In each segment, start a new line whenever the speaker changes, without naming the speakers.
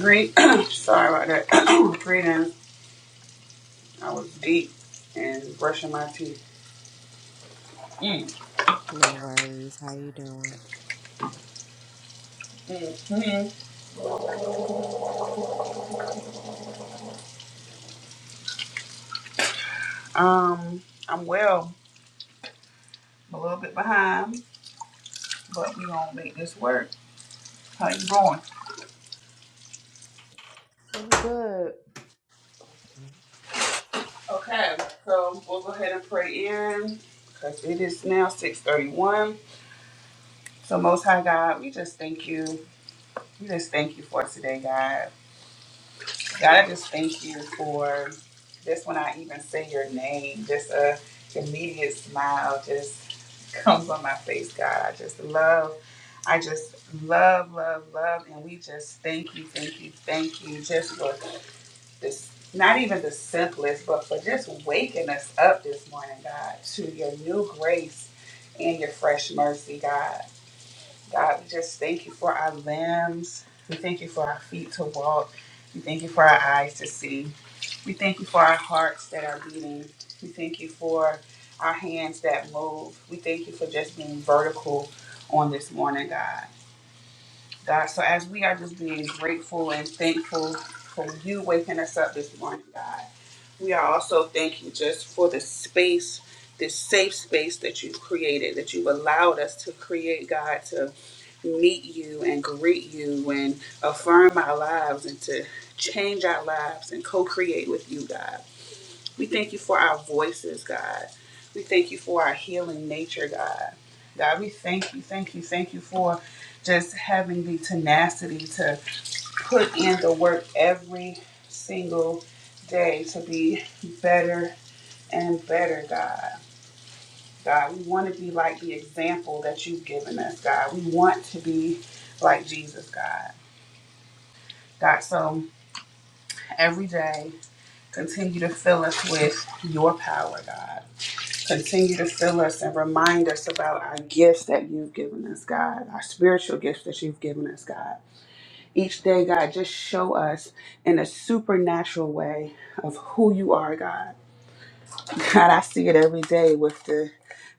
Great. Sorry about that. Greetings. I was deep and brushing my teeth. Mm. Um, I'm well. I'm a little bit behind, but we gonna make this work. How you going? Okay. So we'll go ahead and pray in because it is now 6:31. So Most High God, we just thank you. We just thank you for today, God. God, I just thank you for just when I even say your name, just a immediate smile just comes on my face, God. I just love, I just love, love, love, and we just thank you, thank you, thank you, just for this. Not even the simplest, but for just waking us up this morning, God, to your new grace and your fresh mercy, God. God, we just thank you for our limbs. We thank you for our feet to walk. We thank you for our eyes to see. We thank you for our hearts that are beating. We thank you for our hands that move. We thank you for just being vertical on this morning, God. God. So as we are just being grateful and thankful for you waking us up this morning, God, we are also thanking just for the space, this safe space that you've created, that you've allowed us to create, God, to meet you and greet you and affirm our lives and to change our lives and co-create with you, God. We thank you for our voices, God. We thank you for our healing nature, God. God, we thank you, thank you, thank you for just having the tenacity to put in the work every single day to be better and better, God. God, we want to be like the example that you've given us, God. We want to be like Jesus, God. God, so every day, continue to fill us with your power, God. Continue to fill us and remind us about our gifts that you've given us, God, our spiritual gifts that you've given us, God. Each day, God, just show us in a supernatural way of who you are, God. God, I see it every day with the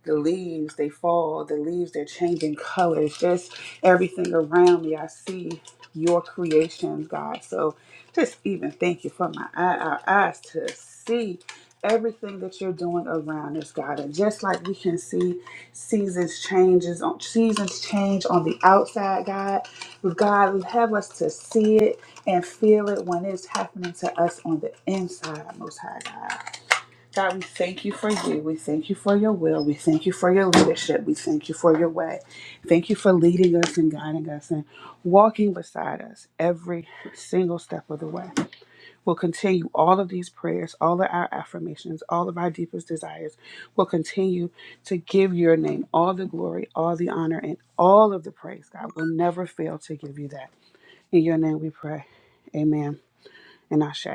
the leaves. They fall. The leaves they're changing colors. Just everything around me. I see your creations, God. So just even thank you for my eye, our eyes to see everything that you're doing around us, God. And just like we can see seasons changes on seasons change on the outside, God. God, have us to see it and feel it when it's happening to us on the inside, most high God. God, we thank you for you. We thank you for your will. We thank you for your leadership. We thank you for your way. Thank you for leading us and guiding us and walking beside us every single step of the way. We'll continue all of these prayers, all of our affirmations, all of our deepest desires. We'll continue to give your name all the glory, all the honor, and all of the praise, God. We'll never fail to give you that. In your name we pray. Amen and Ashe.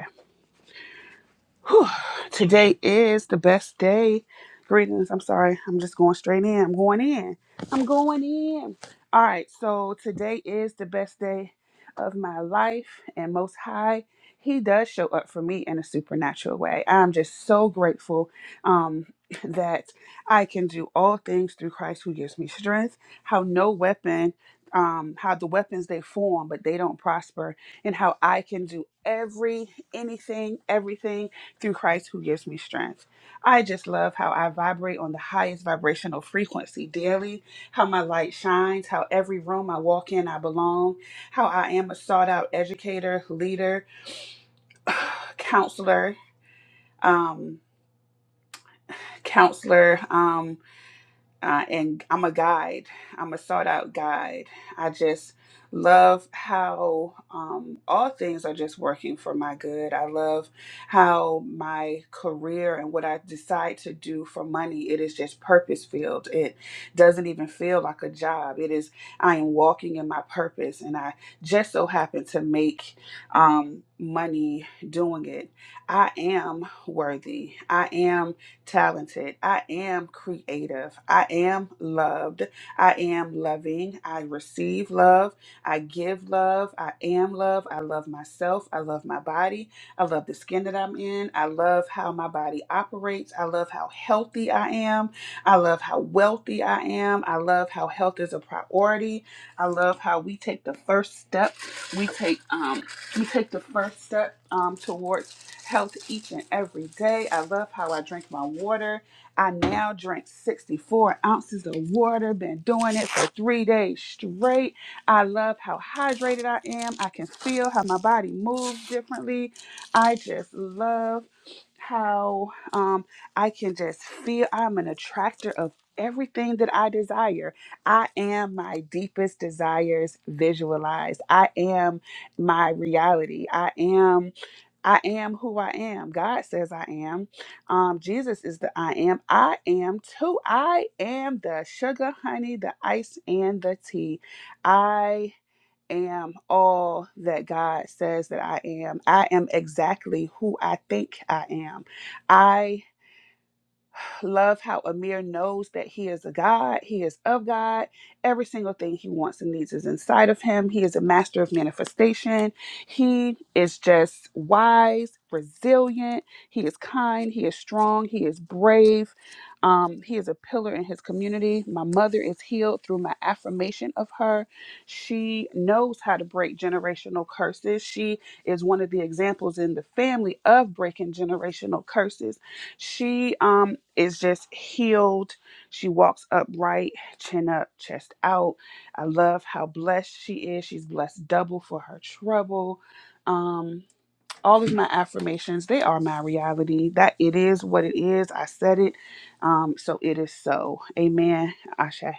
Today is the best day. Greetings. I'm sorry. I'm just going straight in. I'm going in. I'm going in. All right. So today is the best day of my life. And most high, he does show up for me in a supernatural way. I'm just so grateful um, that I can do all things through Christ who gives me strength. How no weapon. Um, how the weapons they form, but they don't prosper, and how I can do every, anything, everything through Christ who gives me strength. I just love how I vibrate on the highest vibrational frequency daily, how my light shines, how every room I walk in, I belong, how I am a sought out educator, leader, counselor, um, counselor. um. uh, and I'm a guide. I'm a sought out guide. I just love how um, all things are just working for my good. I love how my career and what I decide to do for money it is just purpose filled. It doesn't even feel like a job. It is I am walking in my purpose, and I just so happen to make um, money doing it. I am worthy. I am talented. I am creative. I am loved. I am loving. I receive love. I give love. I am love. I love myself. I love my body. I love the skin that I'm in. I love how my body operates. I love how healthy I am. I love how wealthy I am. I love how health is a priority. I love how we take the first step. We take um we take the first step um towards health each and every day. I love how I drink my water. I now drink 64 ounces of water, been doing it for three days straight. I love how hydrated I am. I can feel how my body moves differently. I just love how um, I can just feel I'm an attractor of everything that I desire. I am my deepest desires visualized. I am my reality. I am I am who I am. God says I am. Um, Jesus is the I am. I am too. I am the sugar, honey, the ice, and the tea. I am all that God says that I am. I am exactly who I think I am. I Love how Amir knows that he is a God, he is of God. Every single thing he wants and needs is inside of him. He is a master of manifestation. He is just wise, resilient. He is kind, he is strong, he is brave. Um, he is a pillar in his community. My mother is healed through my affirmation of her. She knows how to break generational curses. She is one of the examples in the family of breaking generational curses she um is just healed. She walks upright, chin up, chest out. I love how blessed she is. She's blessed double for her trouble. Um all of my affirmations, they are my reality. That it is what it is. I said it. Um so it is so. Amen. Asha.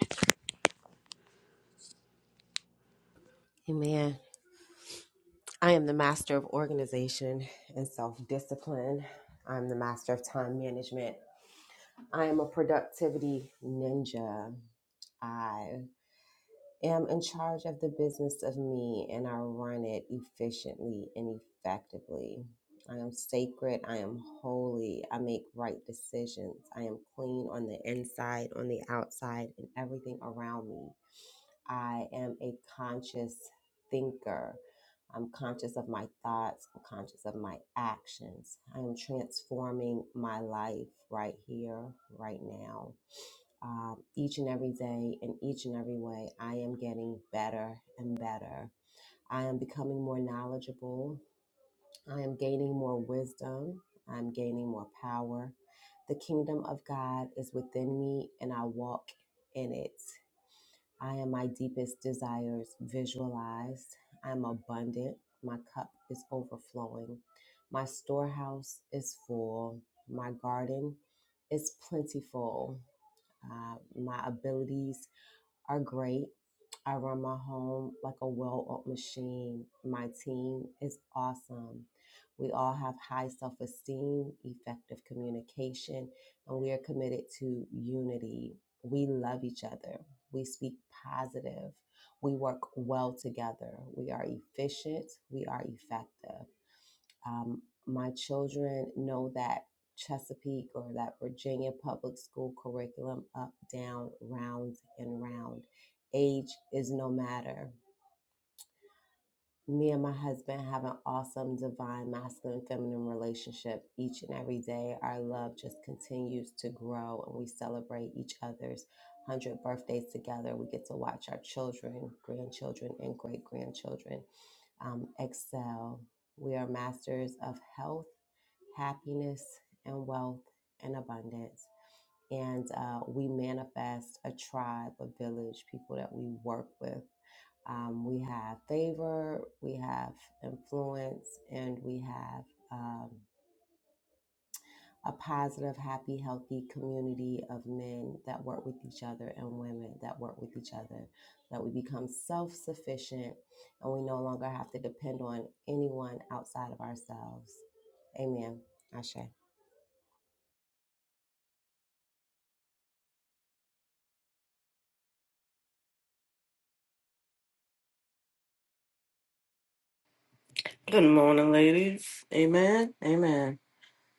Good morning, ladies. Amen. Amen.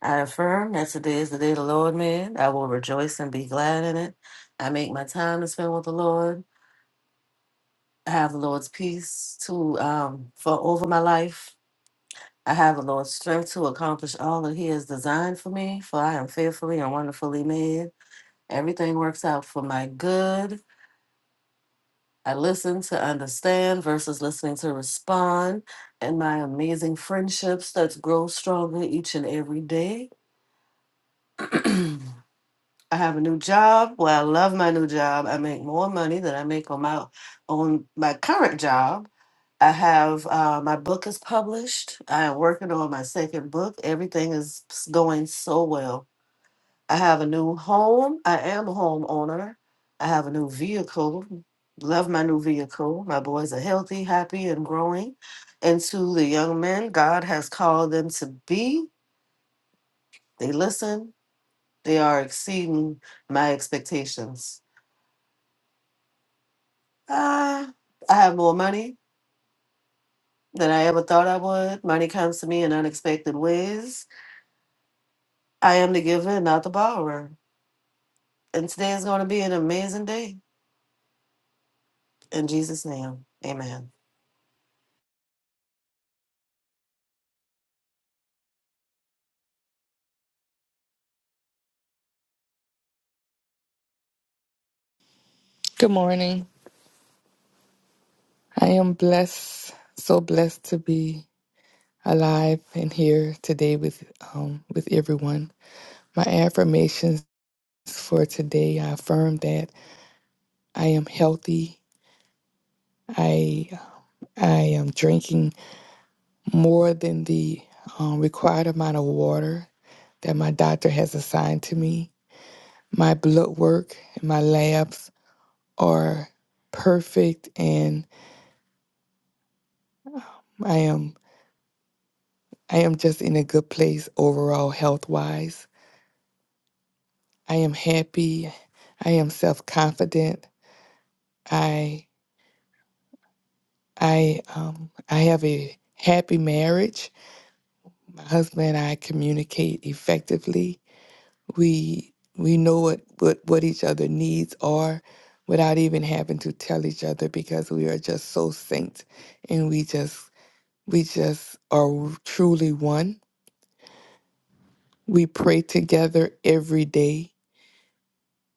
I affirm that today is the day the Lord made. I will rejoice and be glad in it. I make my time to spend with the Lord. I have the Lord's peace to um for over my life. I have the Lord's strength to accomplish all that He has designed for me, for I am fearfully and wonderfully made. Everything works out for my good. I listen to understand versus listening to respond, and my amazing friendships that grow stronger each and every day. I have a new job. Well, I love my new job. I make more money than I make on my on my current job. I have uh, my book is published. I am working on my second book. Everything is s- going so well. I have a new home. I am a homeowner. I have a new vehicle. Love my new vehicle. My boys are healthy, happy, and growing into the young men God has called them to be. They listen. They are exceeding my expectations. Uh, I have more money than I ever thought I would. Money comes to me in unexpected ways. I am the giver and not the borrower. And today is going to be an amazing day. In Jesus' name, amen.
Good morning. I am blessed, so blessed to be alive and here today with um, with everyone. My affirmations for today: I affirm that I am healthy. I I am drinking more than the um, required amount of water that my doctor has assigned to me. My blood work and my labs are perfect, and I am I am just in a good place overall health wise. I am happy. I am self-confident. I I um I have a happy marriage. My husband and I communicate effectively. We we know what what, what each other needs are without even having to tell each other because we are just so synced and we just we just are truly one. We pray together every day.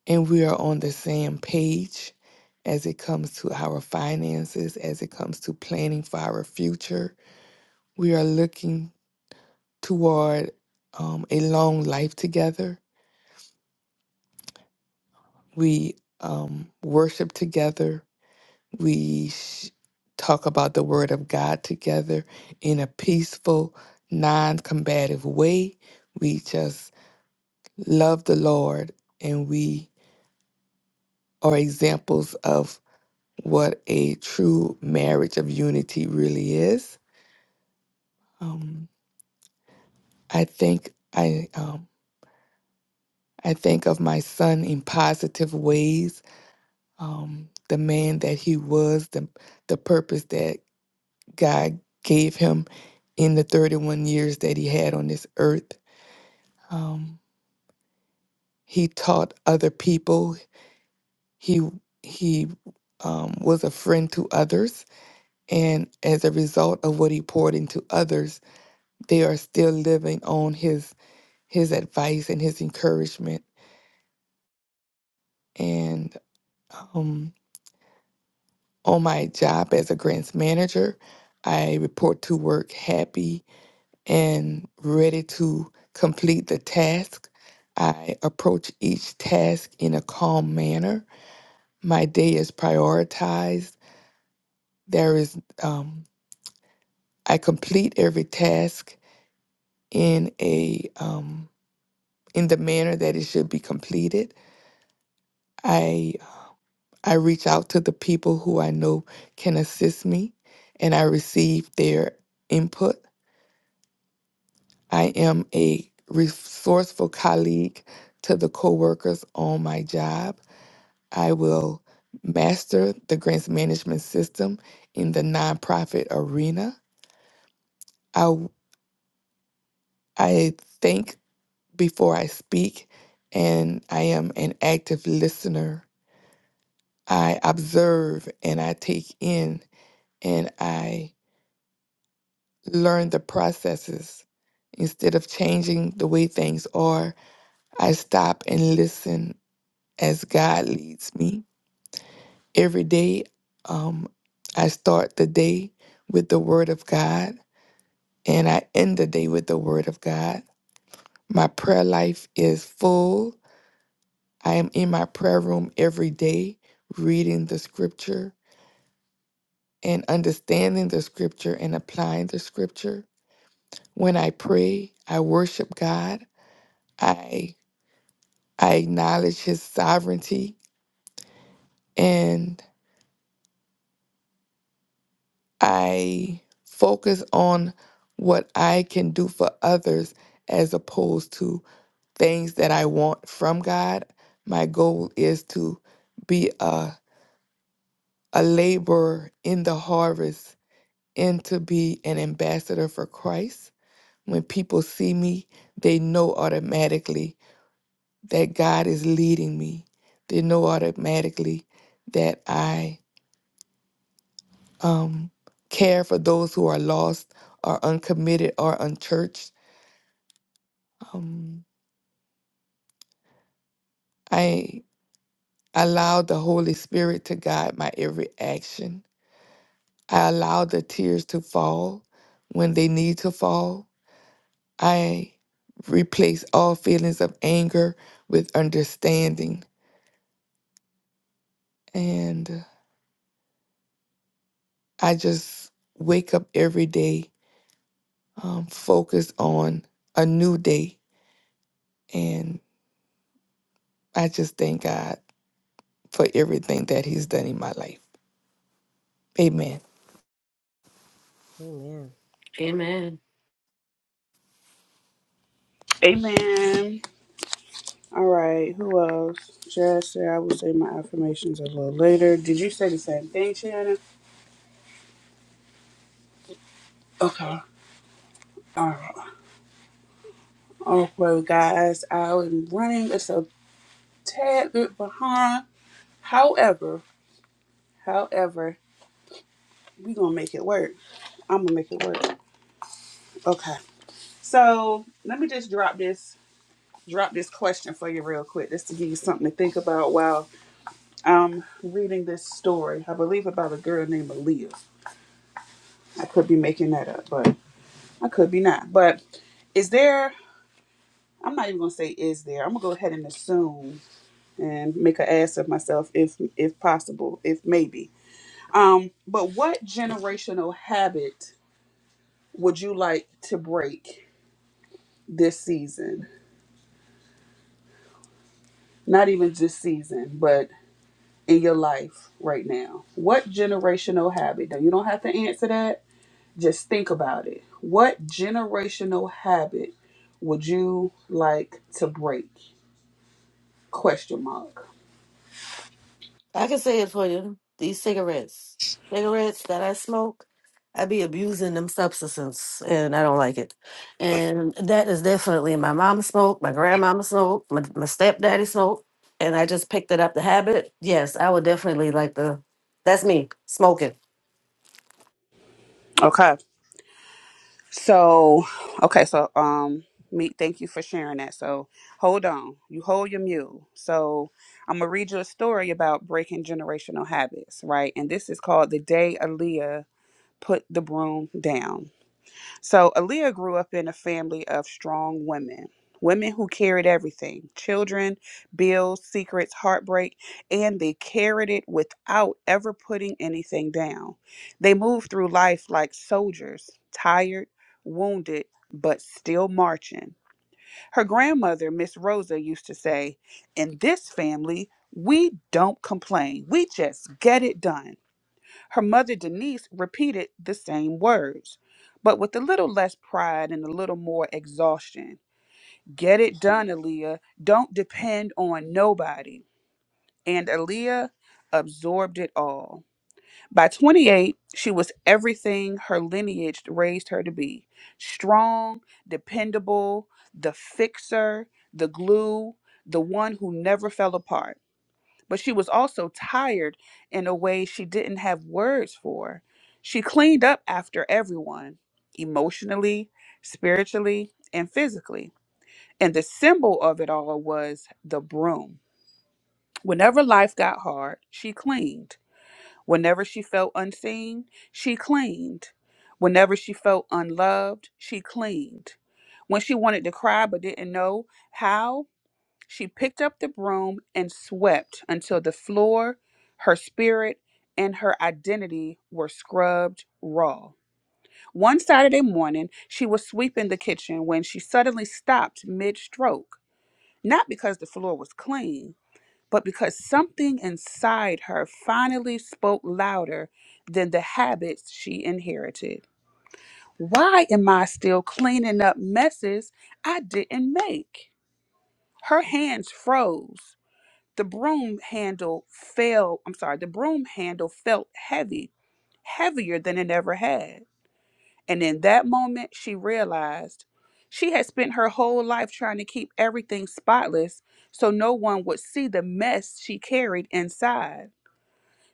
and we are on the same page as it comes to our finances, as it comes to planning for our future. We are looking toward um, a long life together. We um, worship together. We sh- talk about the Word of God together in a peaceful, non combative way. We just love the Lord and we are examples of what a true marriage of unity really is. Um, I think I um, I think of my son in positive ways, um, the man that he was, the the purpose that God gave him in the 31 years that he had on this earth. Um, he taught other people. He he um, was a friend to others, and as a result of what he poured into others, they are still living on his his advice and his encouragement. And um, on my job as a grants manager, I report to work happy and ready to complete the task. I approach each task in a calm manner. My day is prioritized. There is um, I complete every task in a um, in the manner that it should be completed. I. I reach out to the people who I know can assist me and I receive their input. I am a resourceful colleague to the coworkers on my job. I will master the grants management system in the nonprofit arena. I I think before I speak and I am an active listener. I observe and I take in and I learn the processes. Instead of changing the way things are, I stop and listen as God leads me. Every day, um, I start the day with the Word of God and I end the day with the Word of God. My prayer life is full. I am in my prayer room every day, reading the scripture and understanding the scripture and applying the scripture. When I pray, I worship God. I I acknowledge his sovereignty and I focus on what I can do for others as opposed to things that I want from God. My goal is to be a, a laborer in the harvest and to be an ambassador for Christ. When people see me, they know automatically that God is leading me. They know automatically that I um, care for those who are lost or uncommitted or unchurched. Um, I allowed the Holy Spirit to guide my every action. I allowed the tears to fall when they need to fall. I replace all feelings of anger with understanding. And I just wake up every day um, focused on a new day. And I just thank God for everything that He's done in my life. Amen.
Amen.
Amen. All right, who else? Jess, yeah, I will say my affirmations a little later. Did you say the same thing, Shannon? Okay. All right. Okay, guys, I am running It's a tad bit behind. However, however, we gonna make it work. I'm gonna make it work. Okay. So let me just drop this drop this question for you real quick, just to give you something to think about while I'm reading this story. I believe about a girl named Aaliyah. I could be making that up, but I could be not. But is there? I'm not even gonna say is there. I'm gonna go ahead and assume and make an ass of myself if if possible, if maybe. Um, but what generational habit would you like to break this season? Not even this season, but in your life right now. What generational habit? Now you don't have to answer that. Just think about it. What generational habit would you like to break? Question mark.
I can say it for you. These cigarettes, cigarettes that I smoke, I be abusing them substances, and I don't like it. And that is definitely my mom smoked, my grandmama smoked, my, my stepdaddy smoked, and I just picked it up the habit. Yes, I would definitely like the. That's me smoking.
Okay. So, okay, so um me thank you for sharing that. So, hold on. You hold your mule. So, I'm going to read you a story about breaking generational habits, right? And this is called The Day Aaliyah Put the Broom Down. So Aaliyah grew up in a family of strong women, women who carried everything children, bills, secrets, heartbreak, and they carried it without ever putting anything down. They moved through life like soldiers, tired, wounded, but still marching. Her grandmother, Miss Rosa, used to say, In this family, we don't complain, we just get it done. Her mother, Denise, repeated the same words, but with a little less pride and a little more exhaustion. Get it done, Aaliyah. Don't depend on nobody. And Aaliyah absorbed it all. By 28, she was everything her lineage raised her to be strong, dependable, the fixer, the glue, the one who never fell apart but she was also tired in a way she didn't have words for. She cleaned up after everyone, emotionally, spiritually, and physically. And the symbol of it all was the broom. Whenever life got hard, she cleaned. Whenever she felt unseen, she cleaned. Whenever she felt unloved, she cleaned. When she wanted to cry but didn't know how, she picked up the broom and swept until the floor, her spirit, and her identity were scrubbed raw. One Saturday morning, she was sweeping the kitchen when she suddenly stopped mid stroke, not because the floor was clean, but because something inside her finally spoke louder than the habits she inherited. Why am I still cleaning up messes I didn't make? Her hands froze the broom handle fell, I'm sorry, the broom handle felt heavy, heavier than it ever had. And in that moment, she realized she had spent her whole life trying to keep everything spotless so no one would see the mess she carried inside.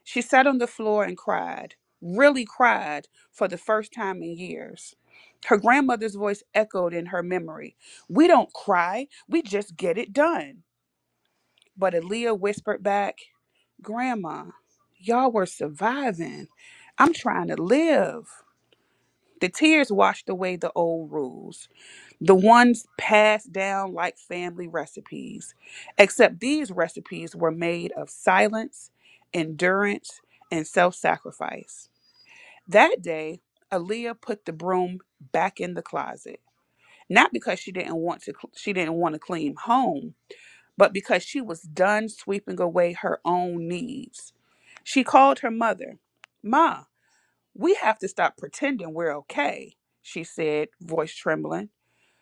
She sat on the floor and cried, really cried for the first time in years. Her grandmother's voice echoed in her memory. We don't cry, we just get it done. But Aaliyah whispered back, Grandma, y'all were surviving. I'm trying to live. The tears washed away the old rules, the ones passed down like family recipes, except these recipes were made of silence, endurance, and self sacrifice. That day, Aaliyah put the broom back in the closet. Not because she didn't want to, she didn't want to clean home, but because she was done sweeping away her own needs. She called her mother. Ma, we have to stop pretending we're okay, she said, voice trembling.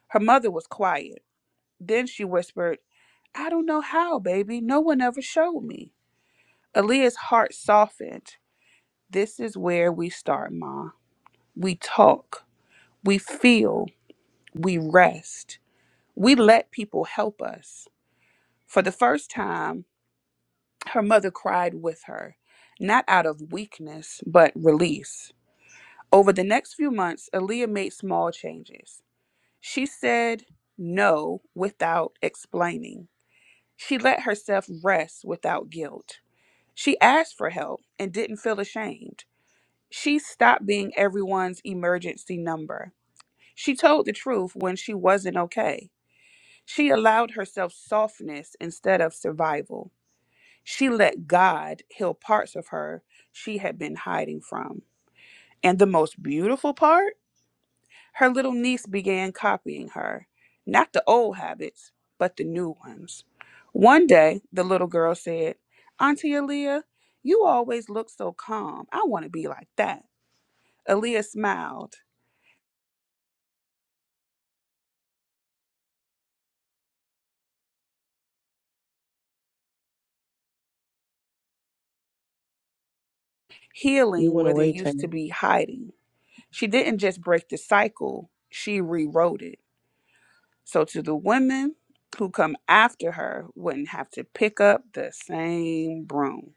Her mother was quiet. Then she whispered, I don't know how, baby. No one ever showed me. Aaliyah's heart softened. This is where we start, Ma. We talk, we feel, we rest, we let people help us. For the first time, Her mother cried with her, not out of weakness, but release. Over the next few months, Aaliyah made small changes. She said no without explaining. She let herself rest without guilt. She asked for help and didn't feel ashamed. She stopped being everyone's emergency number. She told the truth when she wasn't okay. She allowed herself softness instead of survival. She let God heal parts of her she had been hiding from. And the most beautiful part? Her little niece began copying her. Not the old habits, but the new ones. One day, the little girl said, Auntie Aaliyah, you always look so calm. I want to be like that. Aaliyah smiled,
You
healing
went
where there
away,
used to
Tam.
be hiding. She didn't just break the cycle, she rewrote it. So to the women who come after her wouldn't have to pick up the same broom.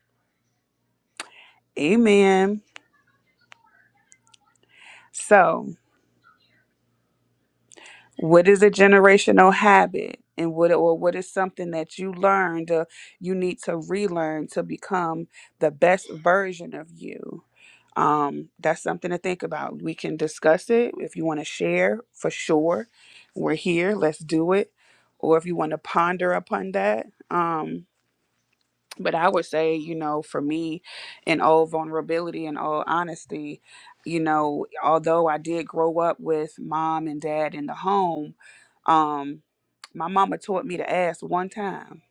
Amen. So, what is a generational habit? And what or what is something that you learned or you need to relearn to become the best version of you? Um, that's something to think about. We can discuss it if you want to share for sure. We're here, let's do it. Or if you want to ponder upon that. Um, but I would say, you know, for me, in all vulnerability and all honesty, you know, although I did grow up with mom and dad in the home, um, my mama taught me to ask one time.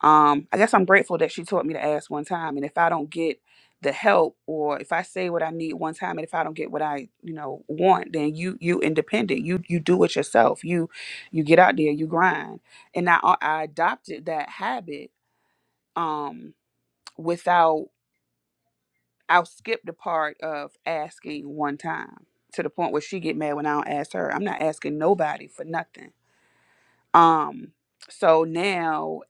Um, I guess I'm grateful that she taught me to ask one time. And if I don't get the help or if I say what I need one time and if I don't get what I, you know, want, then you you independent. You you do it yourself. You you get out there, you grind. And I I adopted that habit. Um without I'll skip the part of asking one time to the point where she get mad when I don't ask her. I'm not asking nobody for nothing. Um so now,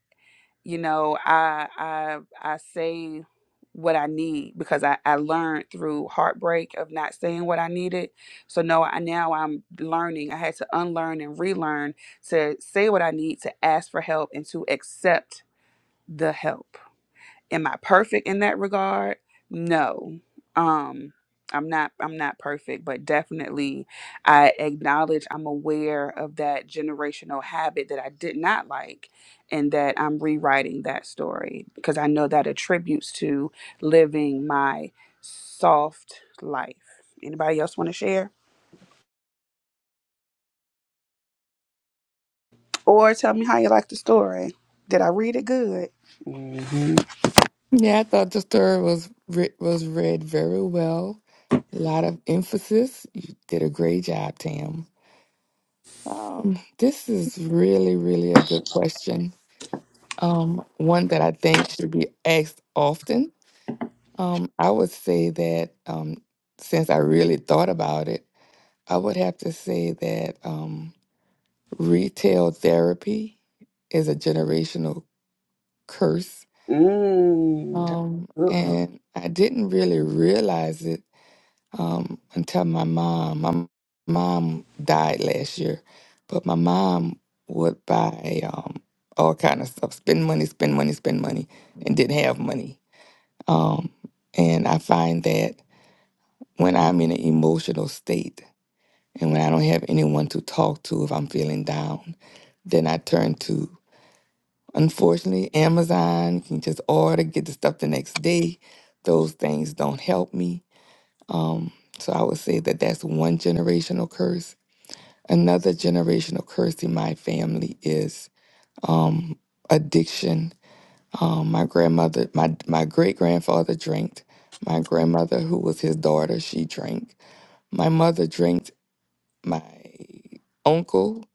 you know, I I I say what I need because I, I learned through heartbreak of not saying what I needed. So no, I now I'm learning. I had to unlearn and relearn to say what I need, to ask for help and to accept the help am I perfect in that regard? No. Um I'm not I'm not perfect, but definitely I acknowledge I'm aware of that generational habit that I did not like and that I'm rewriting that story because I know that attributes to living my soft life. Anybody else want to share or tell me how you like the story? Did I read it good? Mm-hmm.
Yeah, I thought the story was re- was read very well. A lot of emphasis. You did a great job, Tam. Um, this is really, really a good question. Um, one that I think should be asked often. Um, I would say that um, since I really thought about it, I would have to say that um, retail therapy is a generational curse.
Mm, that's
Um,
a good one.
and I didn't really realize it um, until my mom. My mom died last year, but my mom would buy um, all kind of stuff, spend money, spend money, spend money, and didn't have money. Um, and I find that when I'm in an emotional state and when I don't have anyone to talk to if I'm feeling down, then I turn to, unfortunately, Amazon. You can just order, get the stuff the next day. Those things don't help me. Um, so I would say that that's one generational curse. Another generational curse in my family is um, addiction. Um, my grandmother, my my great grandfather drank. My grandmother, who was his daughter, she drank. My mother drank. My uncle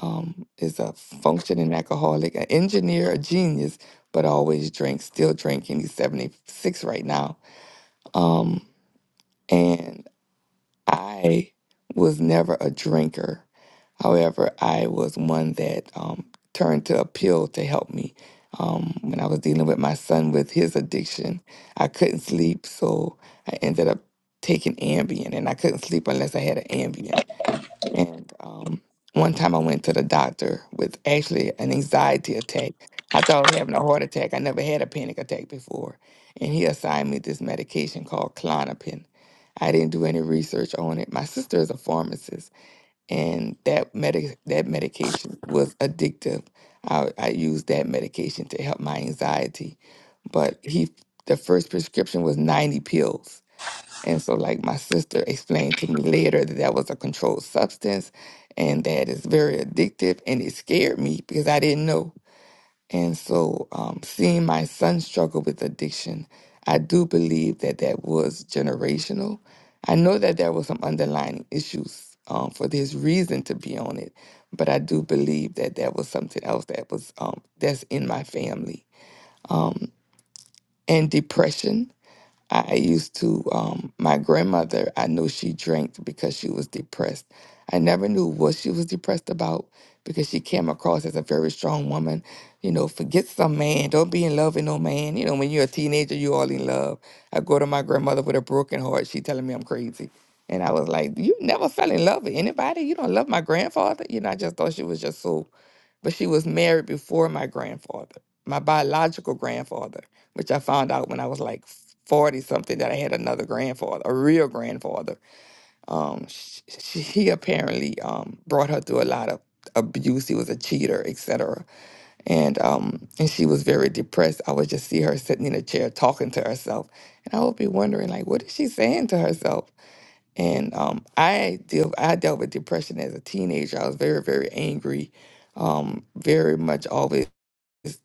um, is a functioning alcoholic, an engineer, a genius, but always drinks, still drinking. He's seventy six right now. Um, and I was never a drinker. However, I was one that um, turned to a pill to help me. Um, when I was dealing with my son with his addiction, I couldn't sleep, so I ended up taking Ambien, and I couldn't sleep unless I had an Ambien. And um, one time I went to the doctor with actually an anxiety attack. I thought I was having a heart attack. I never had a panic attack before. And he assigned me this medication called Clonopin. I didn't do any research on it. My sister is a pharmacist, and that medic that medication was addictive. I, I used that medication to help my anxiety. But he, the first prescription was 90 pills and so, like my sister explained to me later, that that was a controlled substance and that it's very addictive. And it scared me because I didn't know. And so, um, seeing my son struggle with addiction, I do believe that that was generational. I know that there were some underlying issues um, for this reason to be on it, but I do believe that that was something else that was um, that's in my family. Um, and depression. I used to, um, my grandmother, I knew she drank because she was depressed. I never knew what she was depressed about because she came across as a very strong woman. You know, forget some man, don't be in love with no man. You know, when you're a teenager, you all in love. I go to my grandmother with a broken heart. She telling me I'm crazy. And I was like, You never fell in love with anybody? You don't love my grandfather? You know, I just thought she was just so but she was married before my grandfather, my biological grandfather, which I found out when I was like 40 something that I had another grandfather, a real grandfather. Um, sh sh he apparently um, brought her through a lot of abuse. He was a cheater, etc. And um, and she was very depressed. I would just see her sitting in a chair talking to herself, and I would be wondering like, what is she saying to herself? And um, I deal I dealt with depression as a teenager. I was very very angry, um, very much always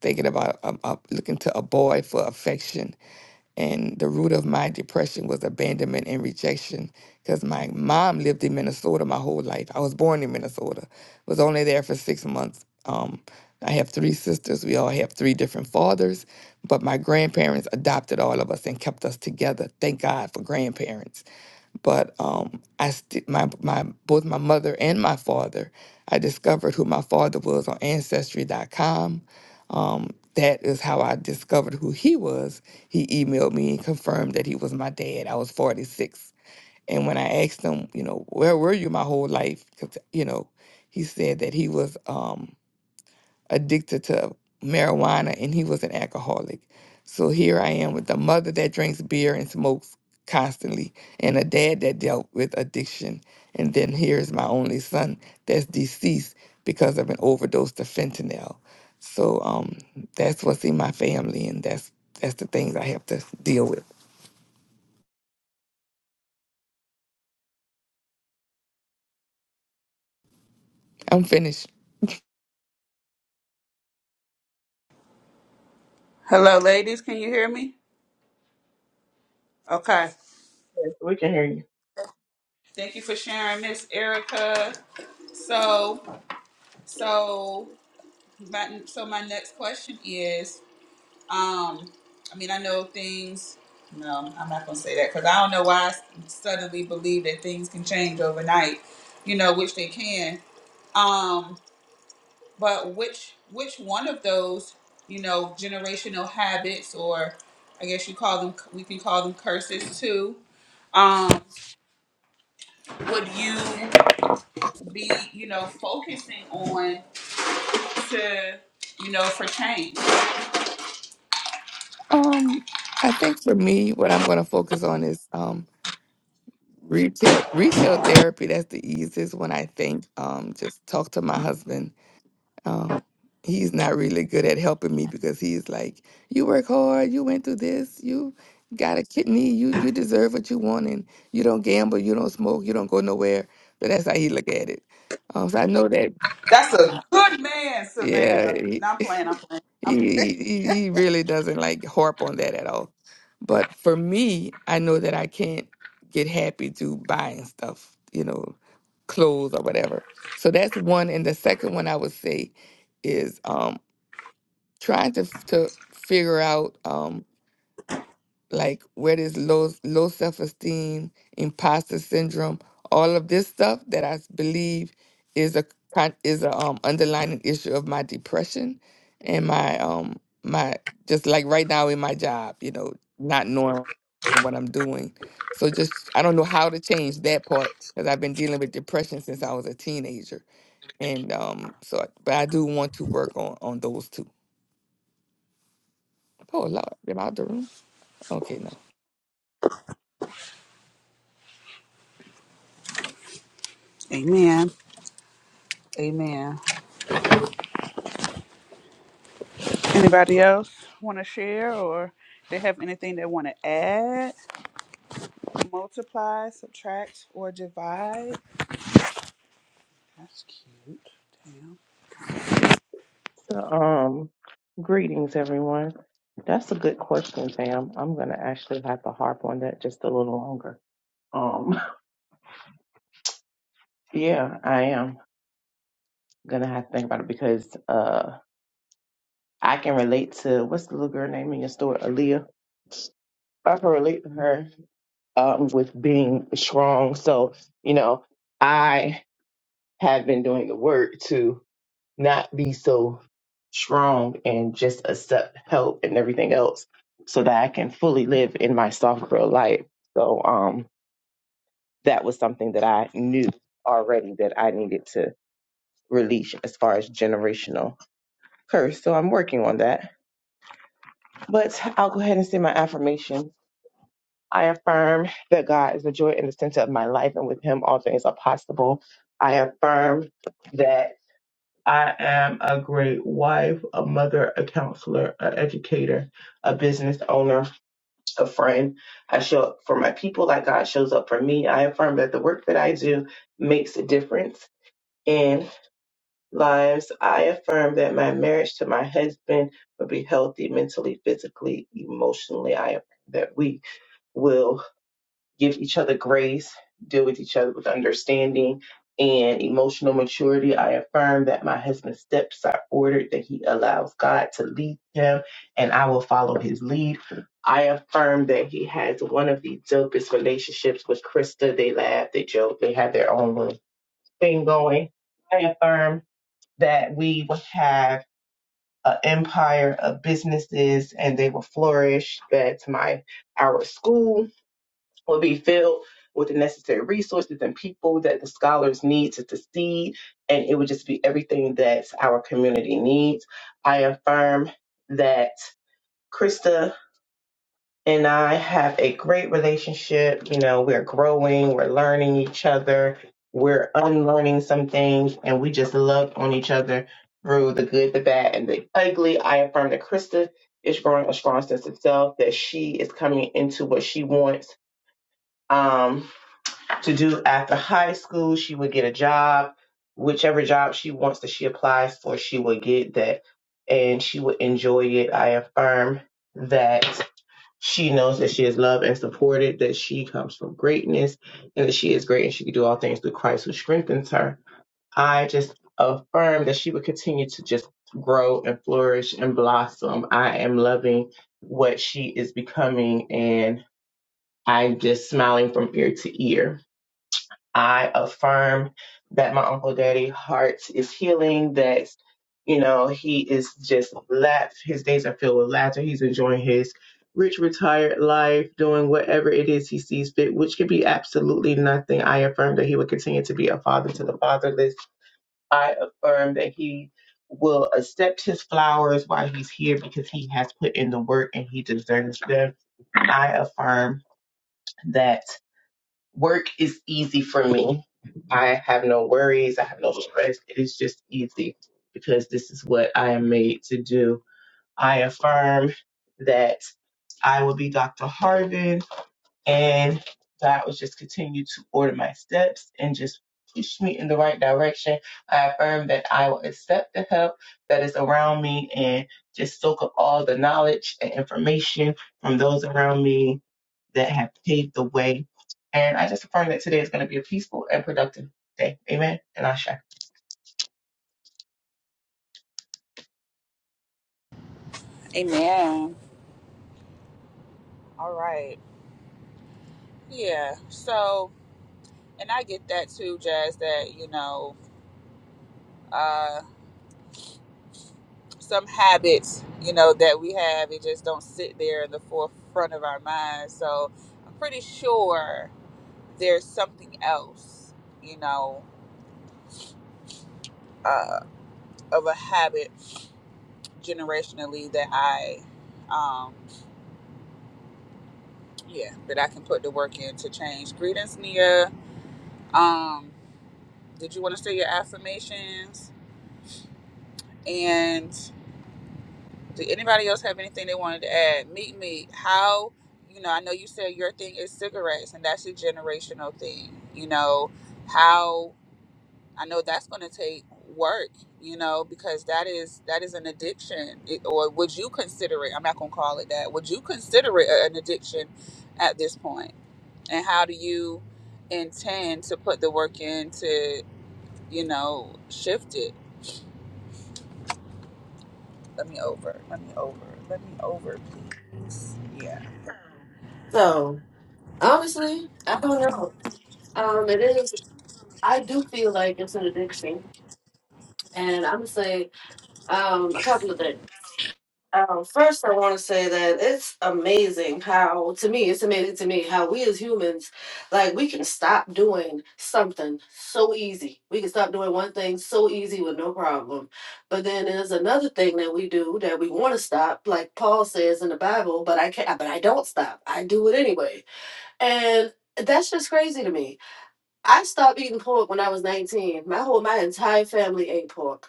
thinking about um, uh, looking to a boy for affection. And the root of my depression was abandonment and rejection because my mom lived in Minnesota my whole life. I was born in Minnesota, was only there for six months. Um, I have three sisters. We all have three different fathers, but my grandparents adopted all of us and kept us together. Thank God for grandparents but um, I st- my my both my mother and my father. I discovered who my father was on Ancestry.com. Um, that is how I discovered who he was. He emailed me and confirmed that he was my dad. I was 46, and when I asked him, you know, where were you my whole life? 'Cause, you know, he said that he was. Um, addicted to marijuana and he was an alcoholic. So here I am with a mother that drinks beer and smokes constantly and a dad that dealt with addiction. And then here's my only son that's deceased because of an overdose to fentanyl. So um, that's what's in my family and that's that's the things I have to deal with. I'm finished.
Hello ladies, can you hear me? Okay.
Yes, we can hear you.
Thank you for sharing, Miss Erica. So, so my so my next question is, um, I mean, I know things. No, I'm not gonna say that because I don't know why I s- suddenly believe that things can change overnight. You know, which they can. Um, but which which one of those, you know, generational habits, or I guess you call them, we can call them curses too. Um, would you? be, you know, focusing on to, you know, for change.
Um, I think for me, what I'm going to focus on is um, Retail retail therapy, that's the easiest one I think. Um, just talk to my husband. Um, he's not really good at helping me because he's like, You work hard, you went through this, you got a kidney, you you deserve what you want and you don't gamble, you don't smoke, you don't go nowhere. So that's how he look at it. Um, so I know that
That's a good man,
yeah,
Savannah.
he,
Not I'm playing, I'm
he
playing. I'm...
he he really doesn't like harp on that at all. But for me, I know that I can't get happy to buying stuff, you know, clothes or whatever. So that's one. And the second one I would say is um, trying to f- to figure out. um, like where this low low self esteem, imposter syndrome, all of this stuff that I s- believe is a con- is a um underlying issue of my depression and my um my just like right now in my job, you know, not knowing what I'm doing. So just I don't know how to change that part because I've been dealing with depression since I was a teenager, and um so but I do want to work on on those two. Oh Lord, am I out the room? Okay, no.
Amen. Amen. Anybody else want to share or they have anything they want to add, multiply, subtract, or divide? That's cute. Damn.
So, um, greetings, everyone. That's a good question, Tam. I'm gonna actually have to harp on that just a little longer. Um, yeah, I am gonna have to think about it because uh, I can relate to what's the little girl name in your store, Aaliyah. I can relate to her um with being strong. So, you know, I have been doing the work too. not be so strong and just accept help and everything else so that I can fully live in my soft girl life. So um that was something that I knew already that I needed to release as far as generational curse. So I'm working on that. But I'll go ahead and say my affirmation. I affirm that God is the joy and the center of my life and with him all things are possible. I affirm that I am a great wife, a mother, a counselor, an educator, a business owner, a friend. I show up for my people like God shows up for me. I affirm that the work that I do makes a difference in lives. I affirm that my marriage to my husband will be healthy mentally, physically, emotionally. I affirm that we will give each other grace, deal with each other with understanding and emotional maturity. I affirm that my husband's steps are ordered, that he allows God to lead him, and I will follow his lead. I affirm that he has one of the dopest relationships with Krista. They laugh, they joke, they have their own little thing going. I affirm that we will have an empire of businesses and they will flourish. That's my our school will be filled with the necessary resources and people that the scholars need to succeed, and it would just be everything that our community needs. I affirm that Krista and I have a great relationship. You know, we're growing, we're learning each other, we're unlearning some things, and we just love on each other through the good, the bad, and the ugly. I affirm that Krista is growing a strong sense of self, that she is coming into what she wants. Um, to do after high school. She would get a job, whichever job she wants that she applies for, she would get that and she would enjoy it. I affirm that she knows that she is loved and supported, that she comes from greatness, and that she is great and she can do all things through Christ who strengthens her. I just affirm that she would continue to just grow and flourish and blossom. I am loving what she is becoming and I'm just smiling from ear to ear. I affirm that my Uncle Daddy heart is healing, that, you know, he is just laugh. His days are filled with laughter. He's enjoying his rich, retired life, doing whatever it is he sees fit, which could be absolutely nothing. I affirm that he will continue to be a father to the fatherless. I affirm that he will accept his flowers while he's here because he has put in the work and he deserves them. I affirm that. Work is easy for me. I have no worries. I have no stress. It is just easy because this is what I am made to do. I affirm that I will be Dr. Harvin and God will just continue to order my steps and just push me in the right direction. I affirm that I will accept the help that is around me and just soak up all the knowledge and information from those around me that have paved the way. And I just affirm that today is going to be a peaceful and productive day. Amen. And I shall.
Amen. All right. Yeah. So, and I get that too, Jazz. That you know. uh, some habits, you know, that we have, it just don't sit there in the forefront of our minds. So I'm pretty sure there's something else, you know, uh, of a habit generationally that I, um, yeah, that I can put the work in to change. Greetings, Nia. Um, did you want to say your affirmations? and? Did anybody else have anything they wanted to add? Meet me. How you know, I know you said your thing is cigarettes and that's a generational thing. You know, how I know that's gonna take work, you know, because that is that is an addiction. It, or would you consider it I'm not gonna call it that. Would you consider it a- an addiction at this point? And how do you intend to put the work in to, you know, shift it? Let me over. Let me over. Let me over, please. Yeah.
So honestly, I don't know. Um, it is. I do feel like it's an addiction, and I'm gonna say um a couple of things. Um, first, I want to say that it's amazing how, to me, it's amazing to me how we as humans, like, we can stop doing something so easy. We can stop doing one thing so easy with no problem. But then there's another thing that we do that we want to stop, like Paul says in the Bible, but I can't, but I don't stop. I do it anyway. And that's just crazy to me. I stopped eating pork when I was 19. My whole, my entire family ate pork.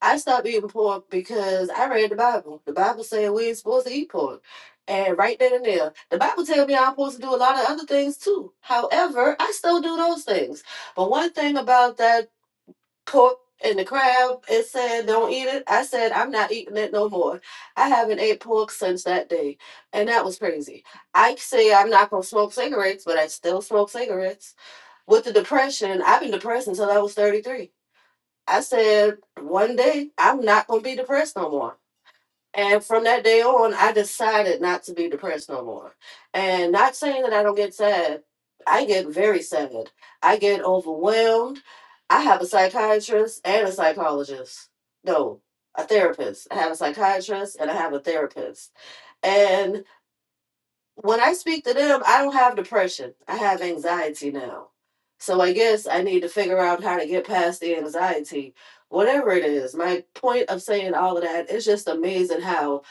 I stopped eating pork because I read the Bible. The Bible said we ain't supposed to eat pork. And right then and there, the Bible tells me I'm supposed to do a lot of other things too. However, I still do those things. But one thing about that pork and the crab, it said don't eat it. I said I'm not eating it no more. I haven't ate pork since that day. And that was crazy. I say I'm not going to smoke cigarettes, but I still smoke cigarettes. With the depression, I've been depressed until I was 33. I said, one day I'm not going to be depressed no more. And from that day on, I decided not to be depressed no more. And not saying that I don't get sad, I get very sad. I get overwhelmed. I have a psychiatrist and a psychologist. No, a therapist. I have a psychiatrist and I have a therapist. And when I speak to them, I don't have depression. I have anxiety now. So I guess I need to figure out how to get past the anxiety, whatever it is. My point of saying all of that is just amazing how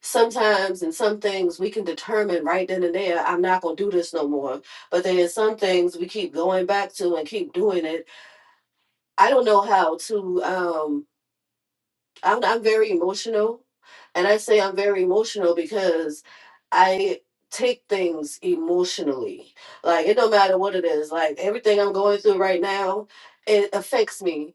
sometimes in some things we can determine right then and there, I'm not going to do this no more. But there's some things we keep going back to and keep doing it. I don't know how to. Um, I'm I'm very emotional, and I say I'm very emotional because I take things emotionally. Like it don't matter what it is. Like everything I'm going through right now, it affects me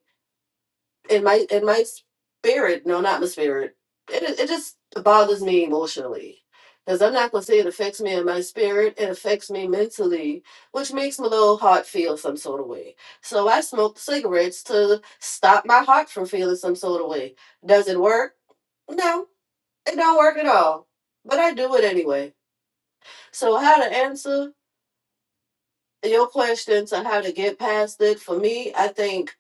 in my in my spirit. No, not my spirit. It it it just bothers me emotionally. Because I'm not gonna say it affects me in my spirit, it affects me mentally, which makes my little heart feel some sort of way. So I smoke cigarettes to stop my heart from feeling some sort of way. Does it work? No, it don't work at all. But I do it anyway. So how to answer your question to how to get past it, for me, I think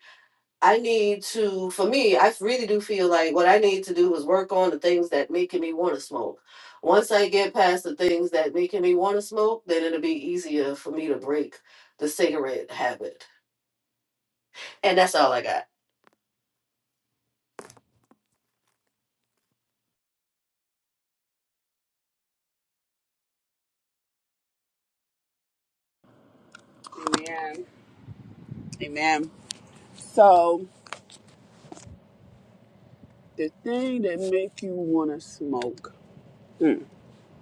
I need to for me, I really do feel like what I need to do is work on the things that making me want to smoke. Once I get past the things that making me want to smoke, then it'll be easier for me to break the cigarette habit. And that's all I got.
Amen. Amen. So the thing that make you want to smoke, mm,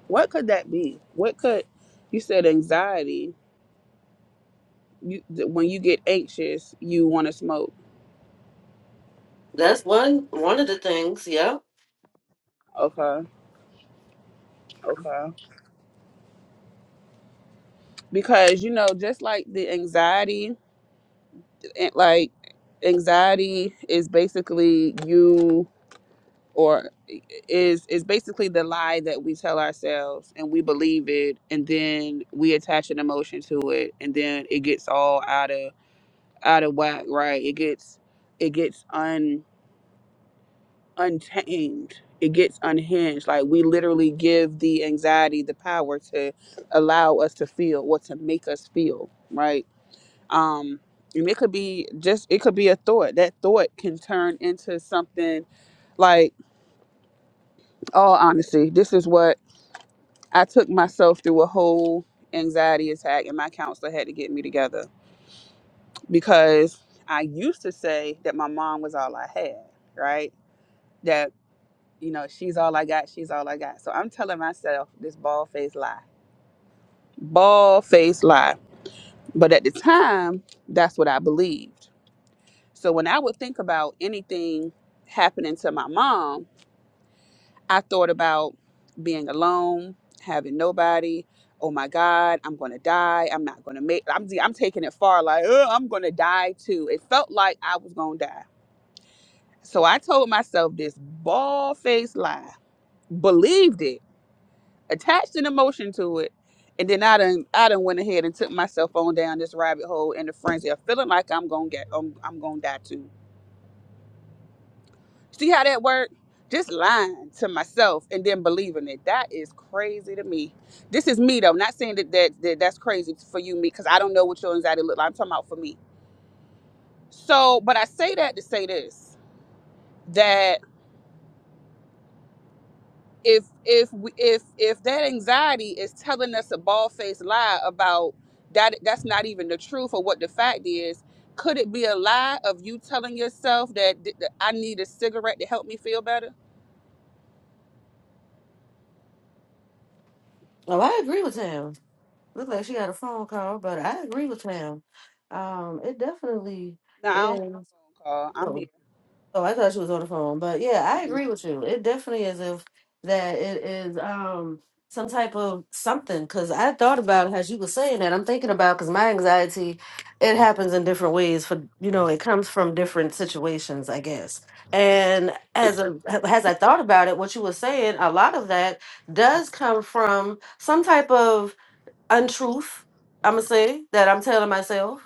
what could that be? What could you said anxiety? You th- when you get anxious, you want to smoke.
That's one one of the things, yeah.
Okay, okay. Because you know, just like the anxiety, it- like anxiety is basically you. or is is basically the lie that we tell ourselves and we believe it and then we attach an emotion to it and then it gets all out of out of whack right it gets it gets un untamed it gets unhinged like we literally give the anxiety the power to allow us to feel what to make us feel right um and it could be just it could be a thought that thought can turn into something like oh, honestly, this is what I took myself through a whole anxiety attack, and my counselor had to get me together because I used to say that my mom was all I had, right? That, you know, she's all I got, she's all I got. So I'm telling myself this bald faced lie, bald faced lie. But at the time, that's what I believed. So when I would think about anything happening to my mom, I thought about being alone, having nobody. Oh my God, I'm gonna die. I'm not gonna make. I'm I'm taking it far. Like "Ugh, I'm gonna die too. It felt like I was gonna die. So I told myself this bald faced lie, believed it, attached an emotion to it, and then I done I done went ahead and took myself on down this rabbit hole in the frenzy of feeling like I'm gonna get I'm, I'm gonna die too. See how that worked? Just lying to myself and then believing it. That is crazy to me. This is me though. Not saying that, that, that that's crazy for you, me, because I don't know what your anxiety look like. I'm talking about for me. So, but I say that to say this: that if if we, if if that anxiety is telling us a bald faced lie about that, that's not even the truth or what the fact is. Could it be a lie of you telling yourself that, that I need a cigarette to help me feel better?
Oh, I agree with him. Looked like she got a phone call, but I agree with him. Um, it definitely
No, I don't have a
is.
phone call. I'm
Oh,
here.
oh, I thought she was on the phone, but yeah, I agree with you. It definitely is if that it is um some type of something. Because I thought about it as you were saying that. I'm thinking about because my anxiety, it happens in different ways. For you know, it comes from different situations, I guess. And as a as I thought about it, what you were saying, a lot of that does come from some type of untruth. I'm gonna say that I'm telling myself,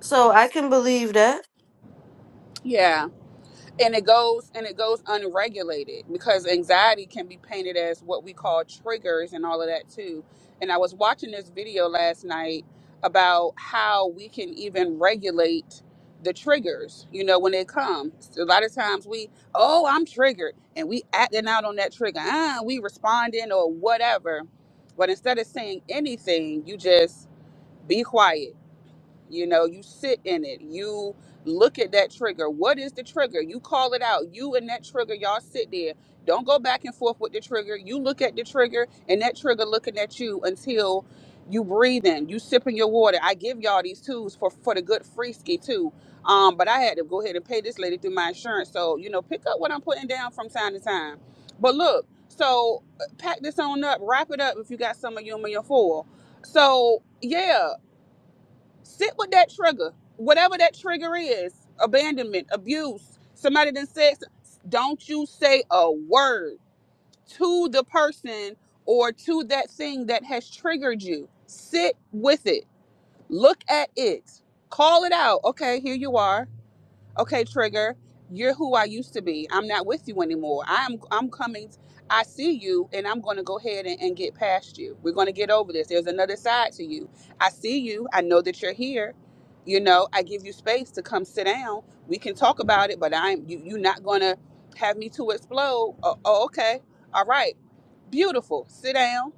so I can believe that.
Yeah, and it goes and it goes unregulated because anxiety can be painted as what we call triggers and all of that too. And I was watching this video last night about how we can even regulate the triggers, you know, when they come. A lot of times we, oh, I'm triggered and we acting out on that trigger. Ah, we responding or whatever. But instead of saying anything, you just be quiet you know, you sit in it. You look at that trigger. What is the trigger? You call it out. You and that trigger, y'all sit there. Don't go back and forth with the trigger. You look at the trigger and that trigger looking at you until you breathe in. You sipping your water. I give y'all these tools for for the good freeski too. Um, but I had to go ahead and pay this lady through my insurance. So, you know, pick up what I'm putting down from time to time. But look, so uh, pack this on up, wrap it up if you got some of you in your foil. So yeah. Sit with that trigger, whatever that trigger is abandonment, abuse, somebody that said, don't you say a word to the person or to that thing that has triggered you. Sit with it, look at it, call it out. Okay, here you are okay trigger you're who i used to be i'm not with you anymore i'm i'm coming i see you and i'm going to go ahead and, and get past you we're going to get over this there's another side to you i see you i know that you're here you know i give you space to come sit down we can talk about it but i'm you, you're not going to have me to explode oh, oh okay all right beautiful sit down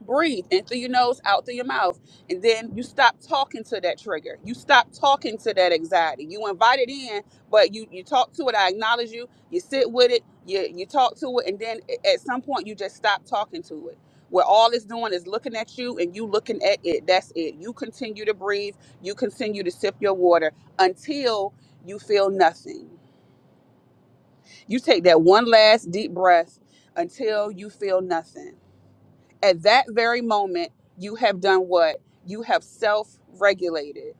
breathe in through your nose, out through your mouth. And then you stop talking to that trigger. You stop talking to that anxiety. You invite it in, but you you talk to it. I acknowledge you. You sit with it. You you talk to it, and then a- at some point you just stop talking to it. Where all it's doing is looking at you and you looking at it. That's it. You continue to breathe. You continue to sip your water until you feel nothing. You take that one last deep breath until you feel nothing at that very moment, you have done what? You have self regulated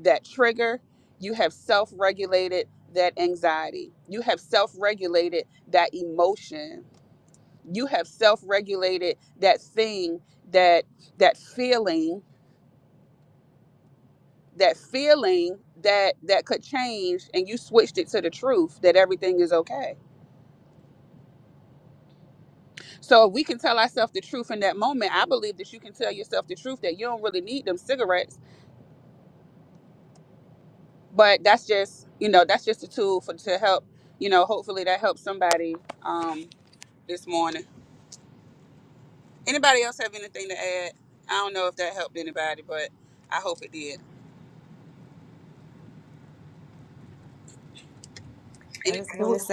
that trigger. You have self regulated that anxiety. You have self regulated that emotion. You have self regulated that thing, that that feeling, that feeling that that could change and you switched it to the truth that everything is okay. So if we can tell ourselves the truth in that moment, I believe that you can tell yourself the truth that you don't really need them cigarettes but that's just you know that's just a tool for to help you know hopefully that helps somebody um this morning anybody else have anything to add i don't know if that helped anybody but i hope it did Any-
It wa-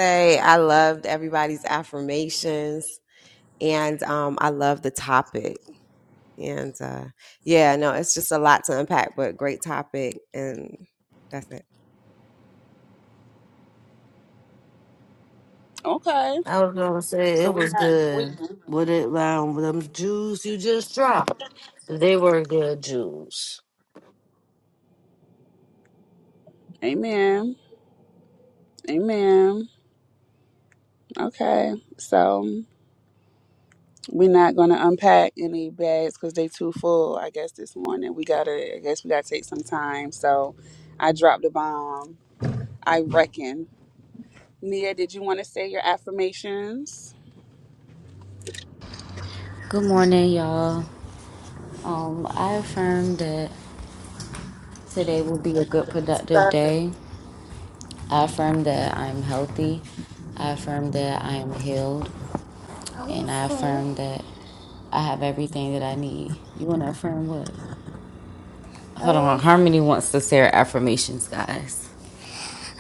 okay
I was gonna say
so
it
we
was
not we
good. What it um, them Jews you just dropped? They were good Jews.
amen amen okay so we're not gonna unpack any bags because they too full i guess this morning we gotta i guess we gotta take some time so i dropped the bomb i reckon Nia, did you want to say your affirmations?
Good morning, y'all. Um, I affirm that today will be a good, productive
Sir.
day. I affirm that I'm healthy. I affirm that I am healed. And I affirm that I have everything that I need. You want to affirm what? Hold on. Harmony wants to say her affirmations, guys.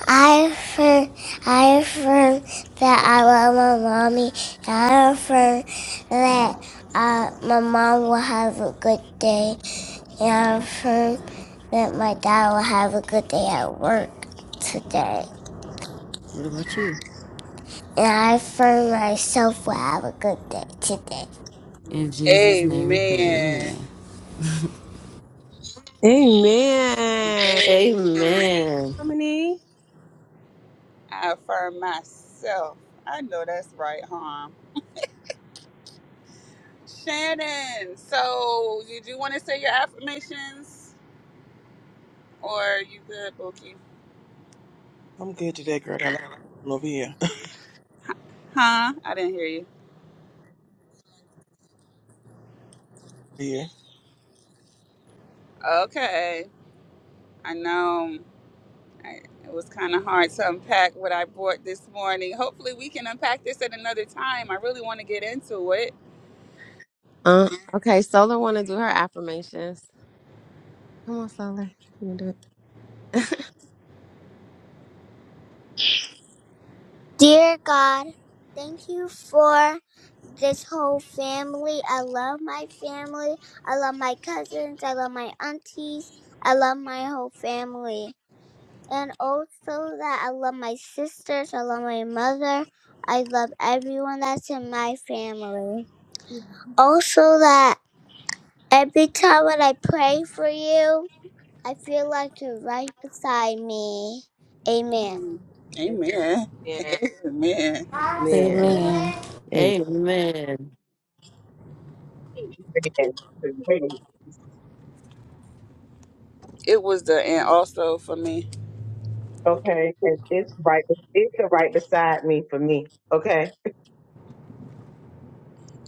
I affirm, I affirm that I love my mommy. I affirm that uh, my mom will have a good day. And I affirm that my dad will have a good day at work today. What about you? And I for myself will have a good day today. In Jesus' name we pray.
Amen.
Amen.
Amen.
Amen.
I affirm myself. I know that's right, harm. Shannon, so did you want to say your affirmations? Or you good, Bookie?
I'm good today, Greg. I like over here.
Huh? I didn't hear you.
Yeah.
Okay. I know I, it was kind of hard to unpack what I bought this morning. Hopefully, we can unpack this at another time. I really want to get into it.
Dear God, thank you for this whole family. I love my family. I love my cousins. I love my aunties. I love my whole family. And also that I love my sisters. I love my mother. I love everyone that's in my family. Also that every time when I pray for you, I feel like you're right beside me. Amen.
Amen. Amen.
Amen.
Amen.
Amen.
It was the and also for me.
Okay, 'cause it's right. It's the right beside me for me. Okay.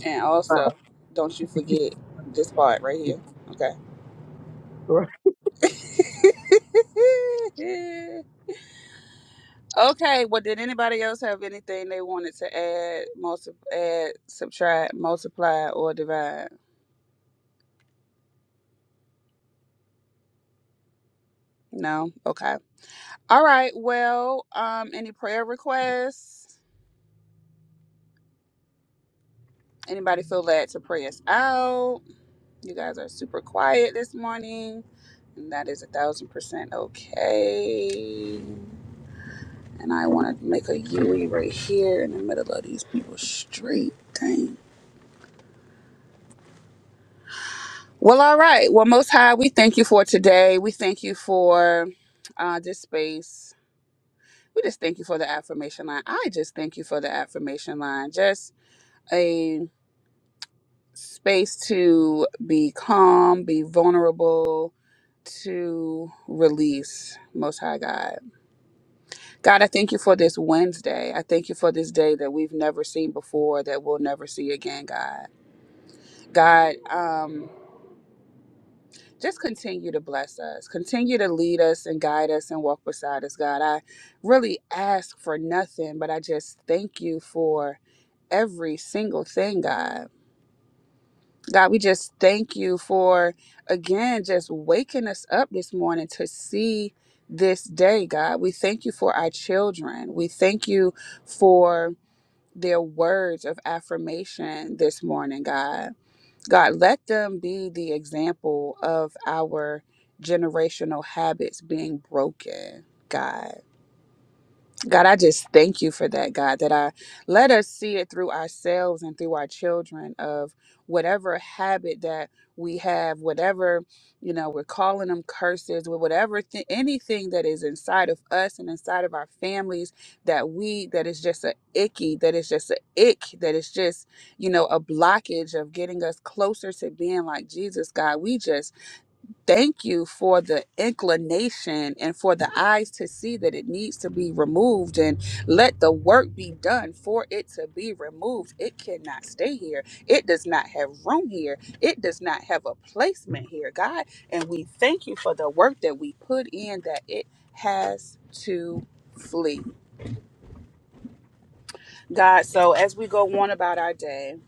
And also, don't you forget this part right here. Okay.
Uh,
okay. Well, did anybody else have anything they wanted to add, multi- add, subtract, multiply, or divide? No. Okay. All right. Well, um, any prayer requests? Anybody feel led to pray us out? You guys are super quiet this morning, and that is a thousand percent okay. And I want to make a U E right here in the middle of these people's street. Dang. Well, all right. Well, Most High, we thank you for today. We thank you for uh, this space. We just thank you for the affirmation line. I just thank you for the affirmation line. Just a space to be calm, be vulnerable, to release. Most High God. God, I thank you for this Wednesday. I thank you for this day that we've never seen before, that we'll never see again, God. God, um, just continue to bless us. Continue to lead us and guide us and walk beside us, God. I really ask for nothing, but I just thank you for every single thing, God. God, we just thank you for, again, just waking us up this morning to see this day, God. We thank you for our children. We thank you for their words of affirmation this morning, God. God, let them be the example of our generational habits being broken, God. God, I just thank you for that, God, that I let us see it through ourselves and through our children of whatever habit that we have, whatever, you know, we're calling them curses, or whatever, th- anything that is inside of us and inside of our families that we, that is just a icky, that is just a ick, that is just, you know, a blockage of getting us closer to being like Jesus, God. We just Thank you for the inclination and for the eyes to see that it needs to be removed and let the work be done for it to be removed. It cannot stay here. It does not have room here. It does not have a placement here, God. And we thank you for the work that we put in that it has to flee. God, so as we go on about our day,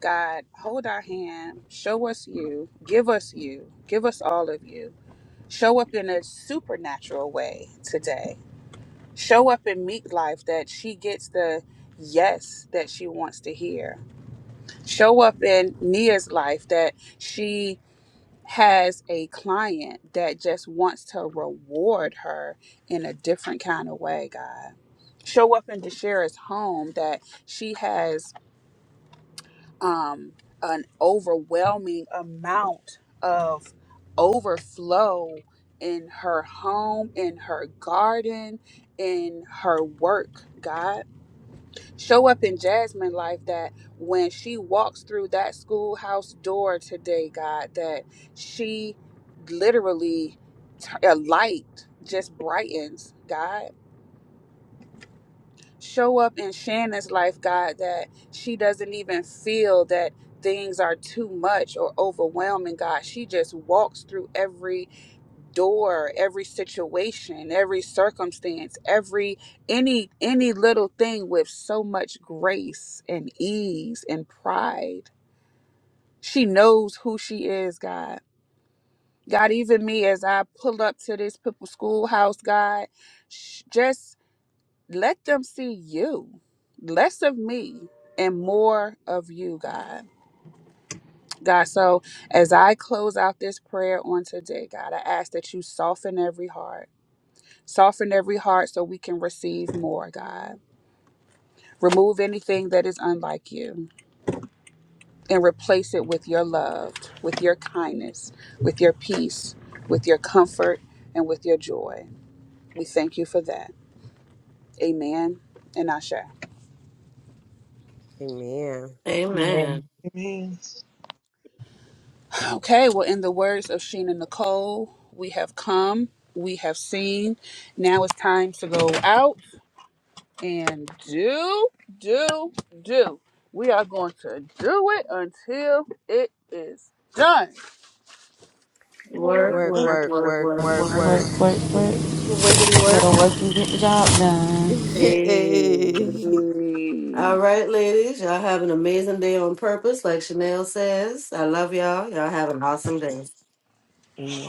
God, hold our hand, show us you, give us you, give us all of you. Show up in a supernatural way today. Show up and meet life that she gets the yes that she wants to hear. Show up in Nia's life that she has a client that just wants to reward her in a different kind of way, God. Show up in Deshara's home that she has um, an overwhelming amount of overflow in her home, in her garden, in her work, God. Show up in Jasmine life that when she walks through that schoolhouse door today, God, that she literally, t- a light just brightens, God show up in Shannon's life, God, that she doesn't even feel that things are too much or overwhelming, God. She just walks through every door, every situation, every circumstance, every any any little thing with so much grace and ease and pride. She knows who she is, God. God, even me as I pull up to this people's schoolhouse, God, sh- just let them see you less of me and more of you god god so as i close out this prayer on today god i ask that you soften every heart soften every heart so we can receive more god remove anything that is unlike you and replace it with your love with your kindness with your peace with your comfort and with your joy we thank you for that amen and ashe
Amen.
Okay, well, in the words of Sheena Nicole, we have come, we have seen. Now it's time to go out and do, do, do. We are going to do it until it is done.
Work,
Word.
work, work, work, work.
Work, work, work.
Wiggity
Go
work.
to work and get the job done.
Hey. All right, ladies. Y'all have an amazing day on purpose, like Chanel says. I love y'all. Y'all have an awesome day.
Amen.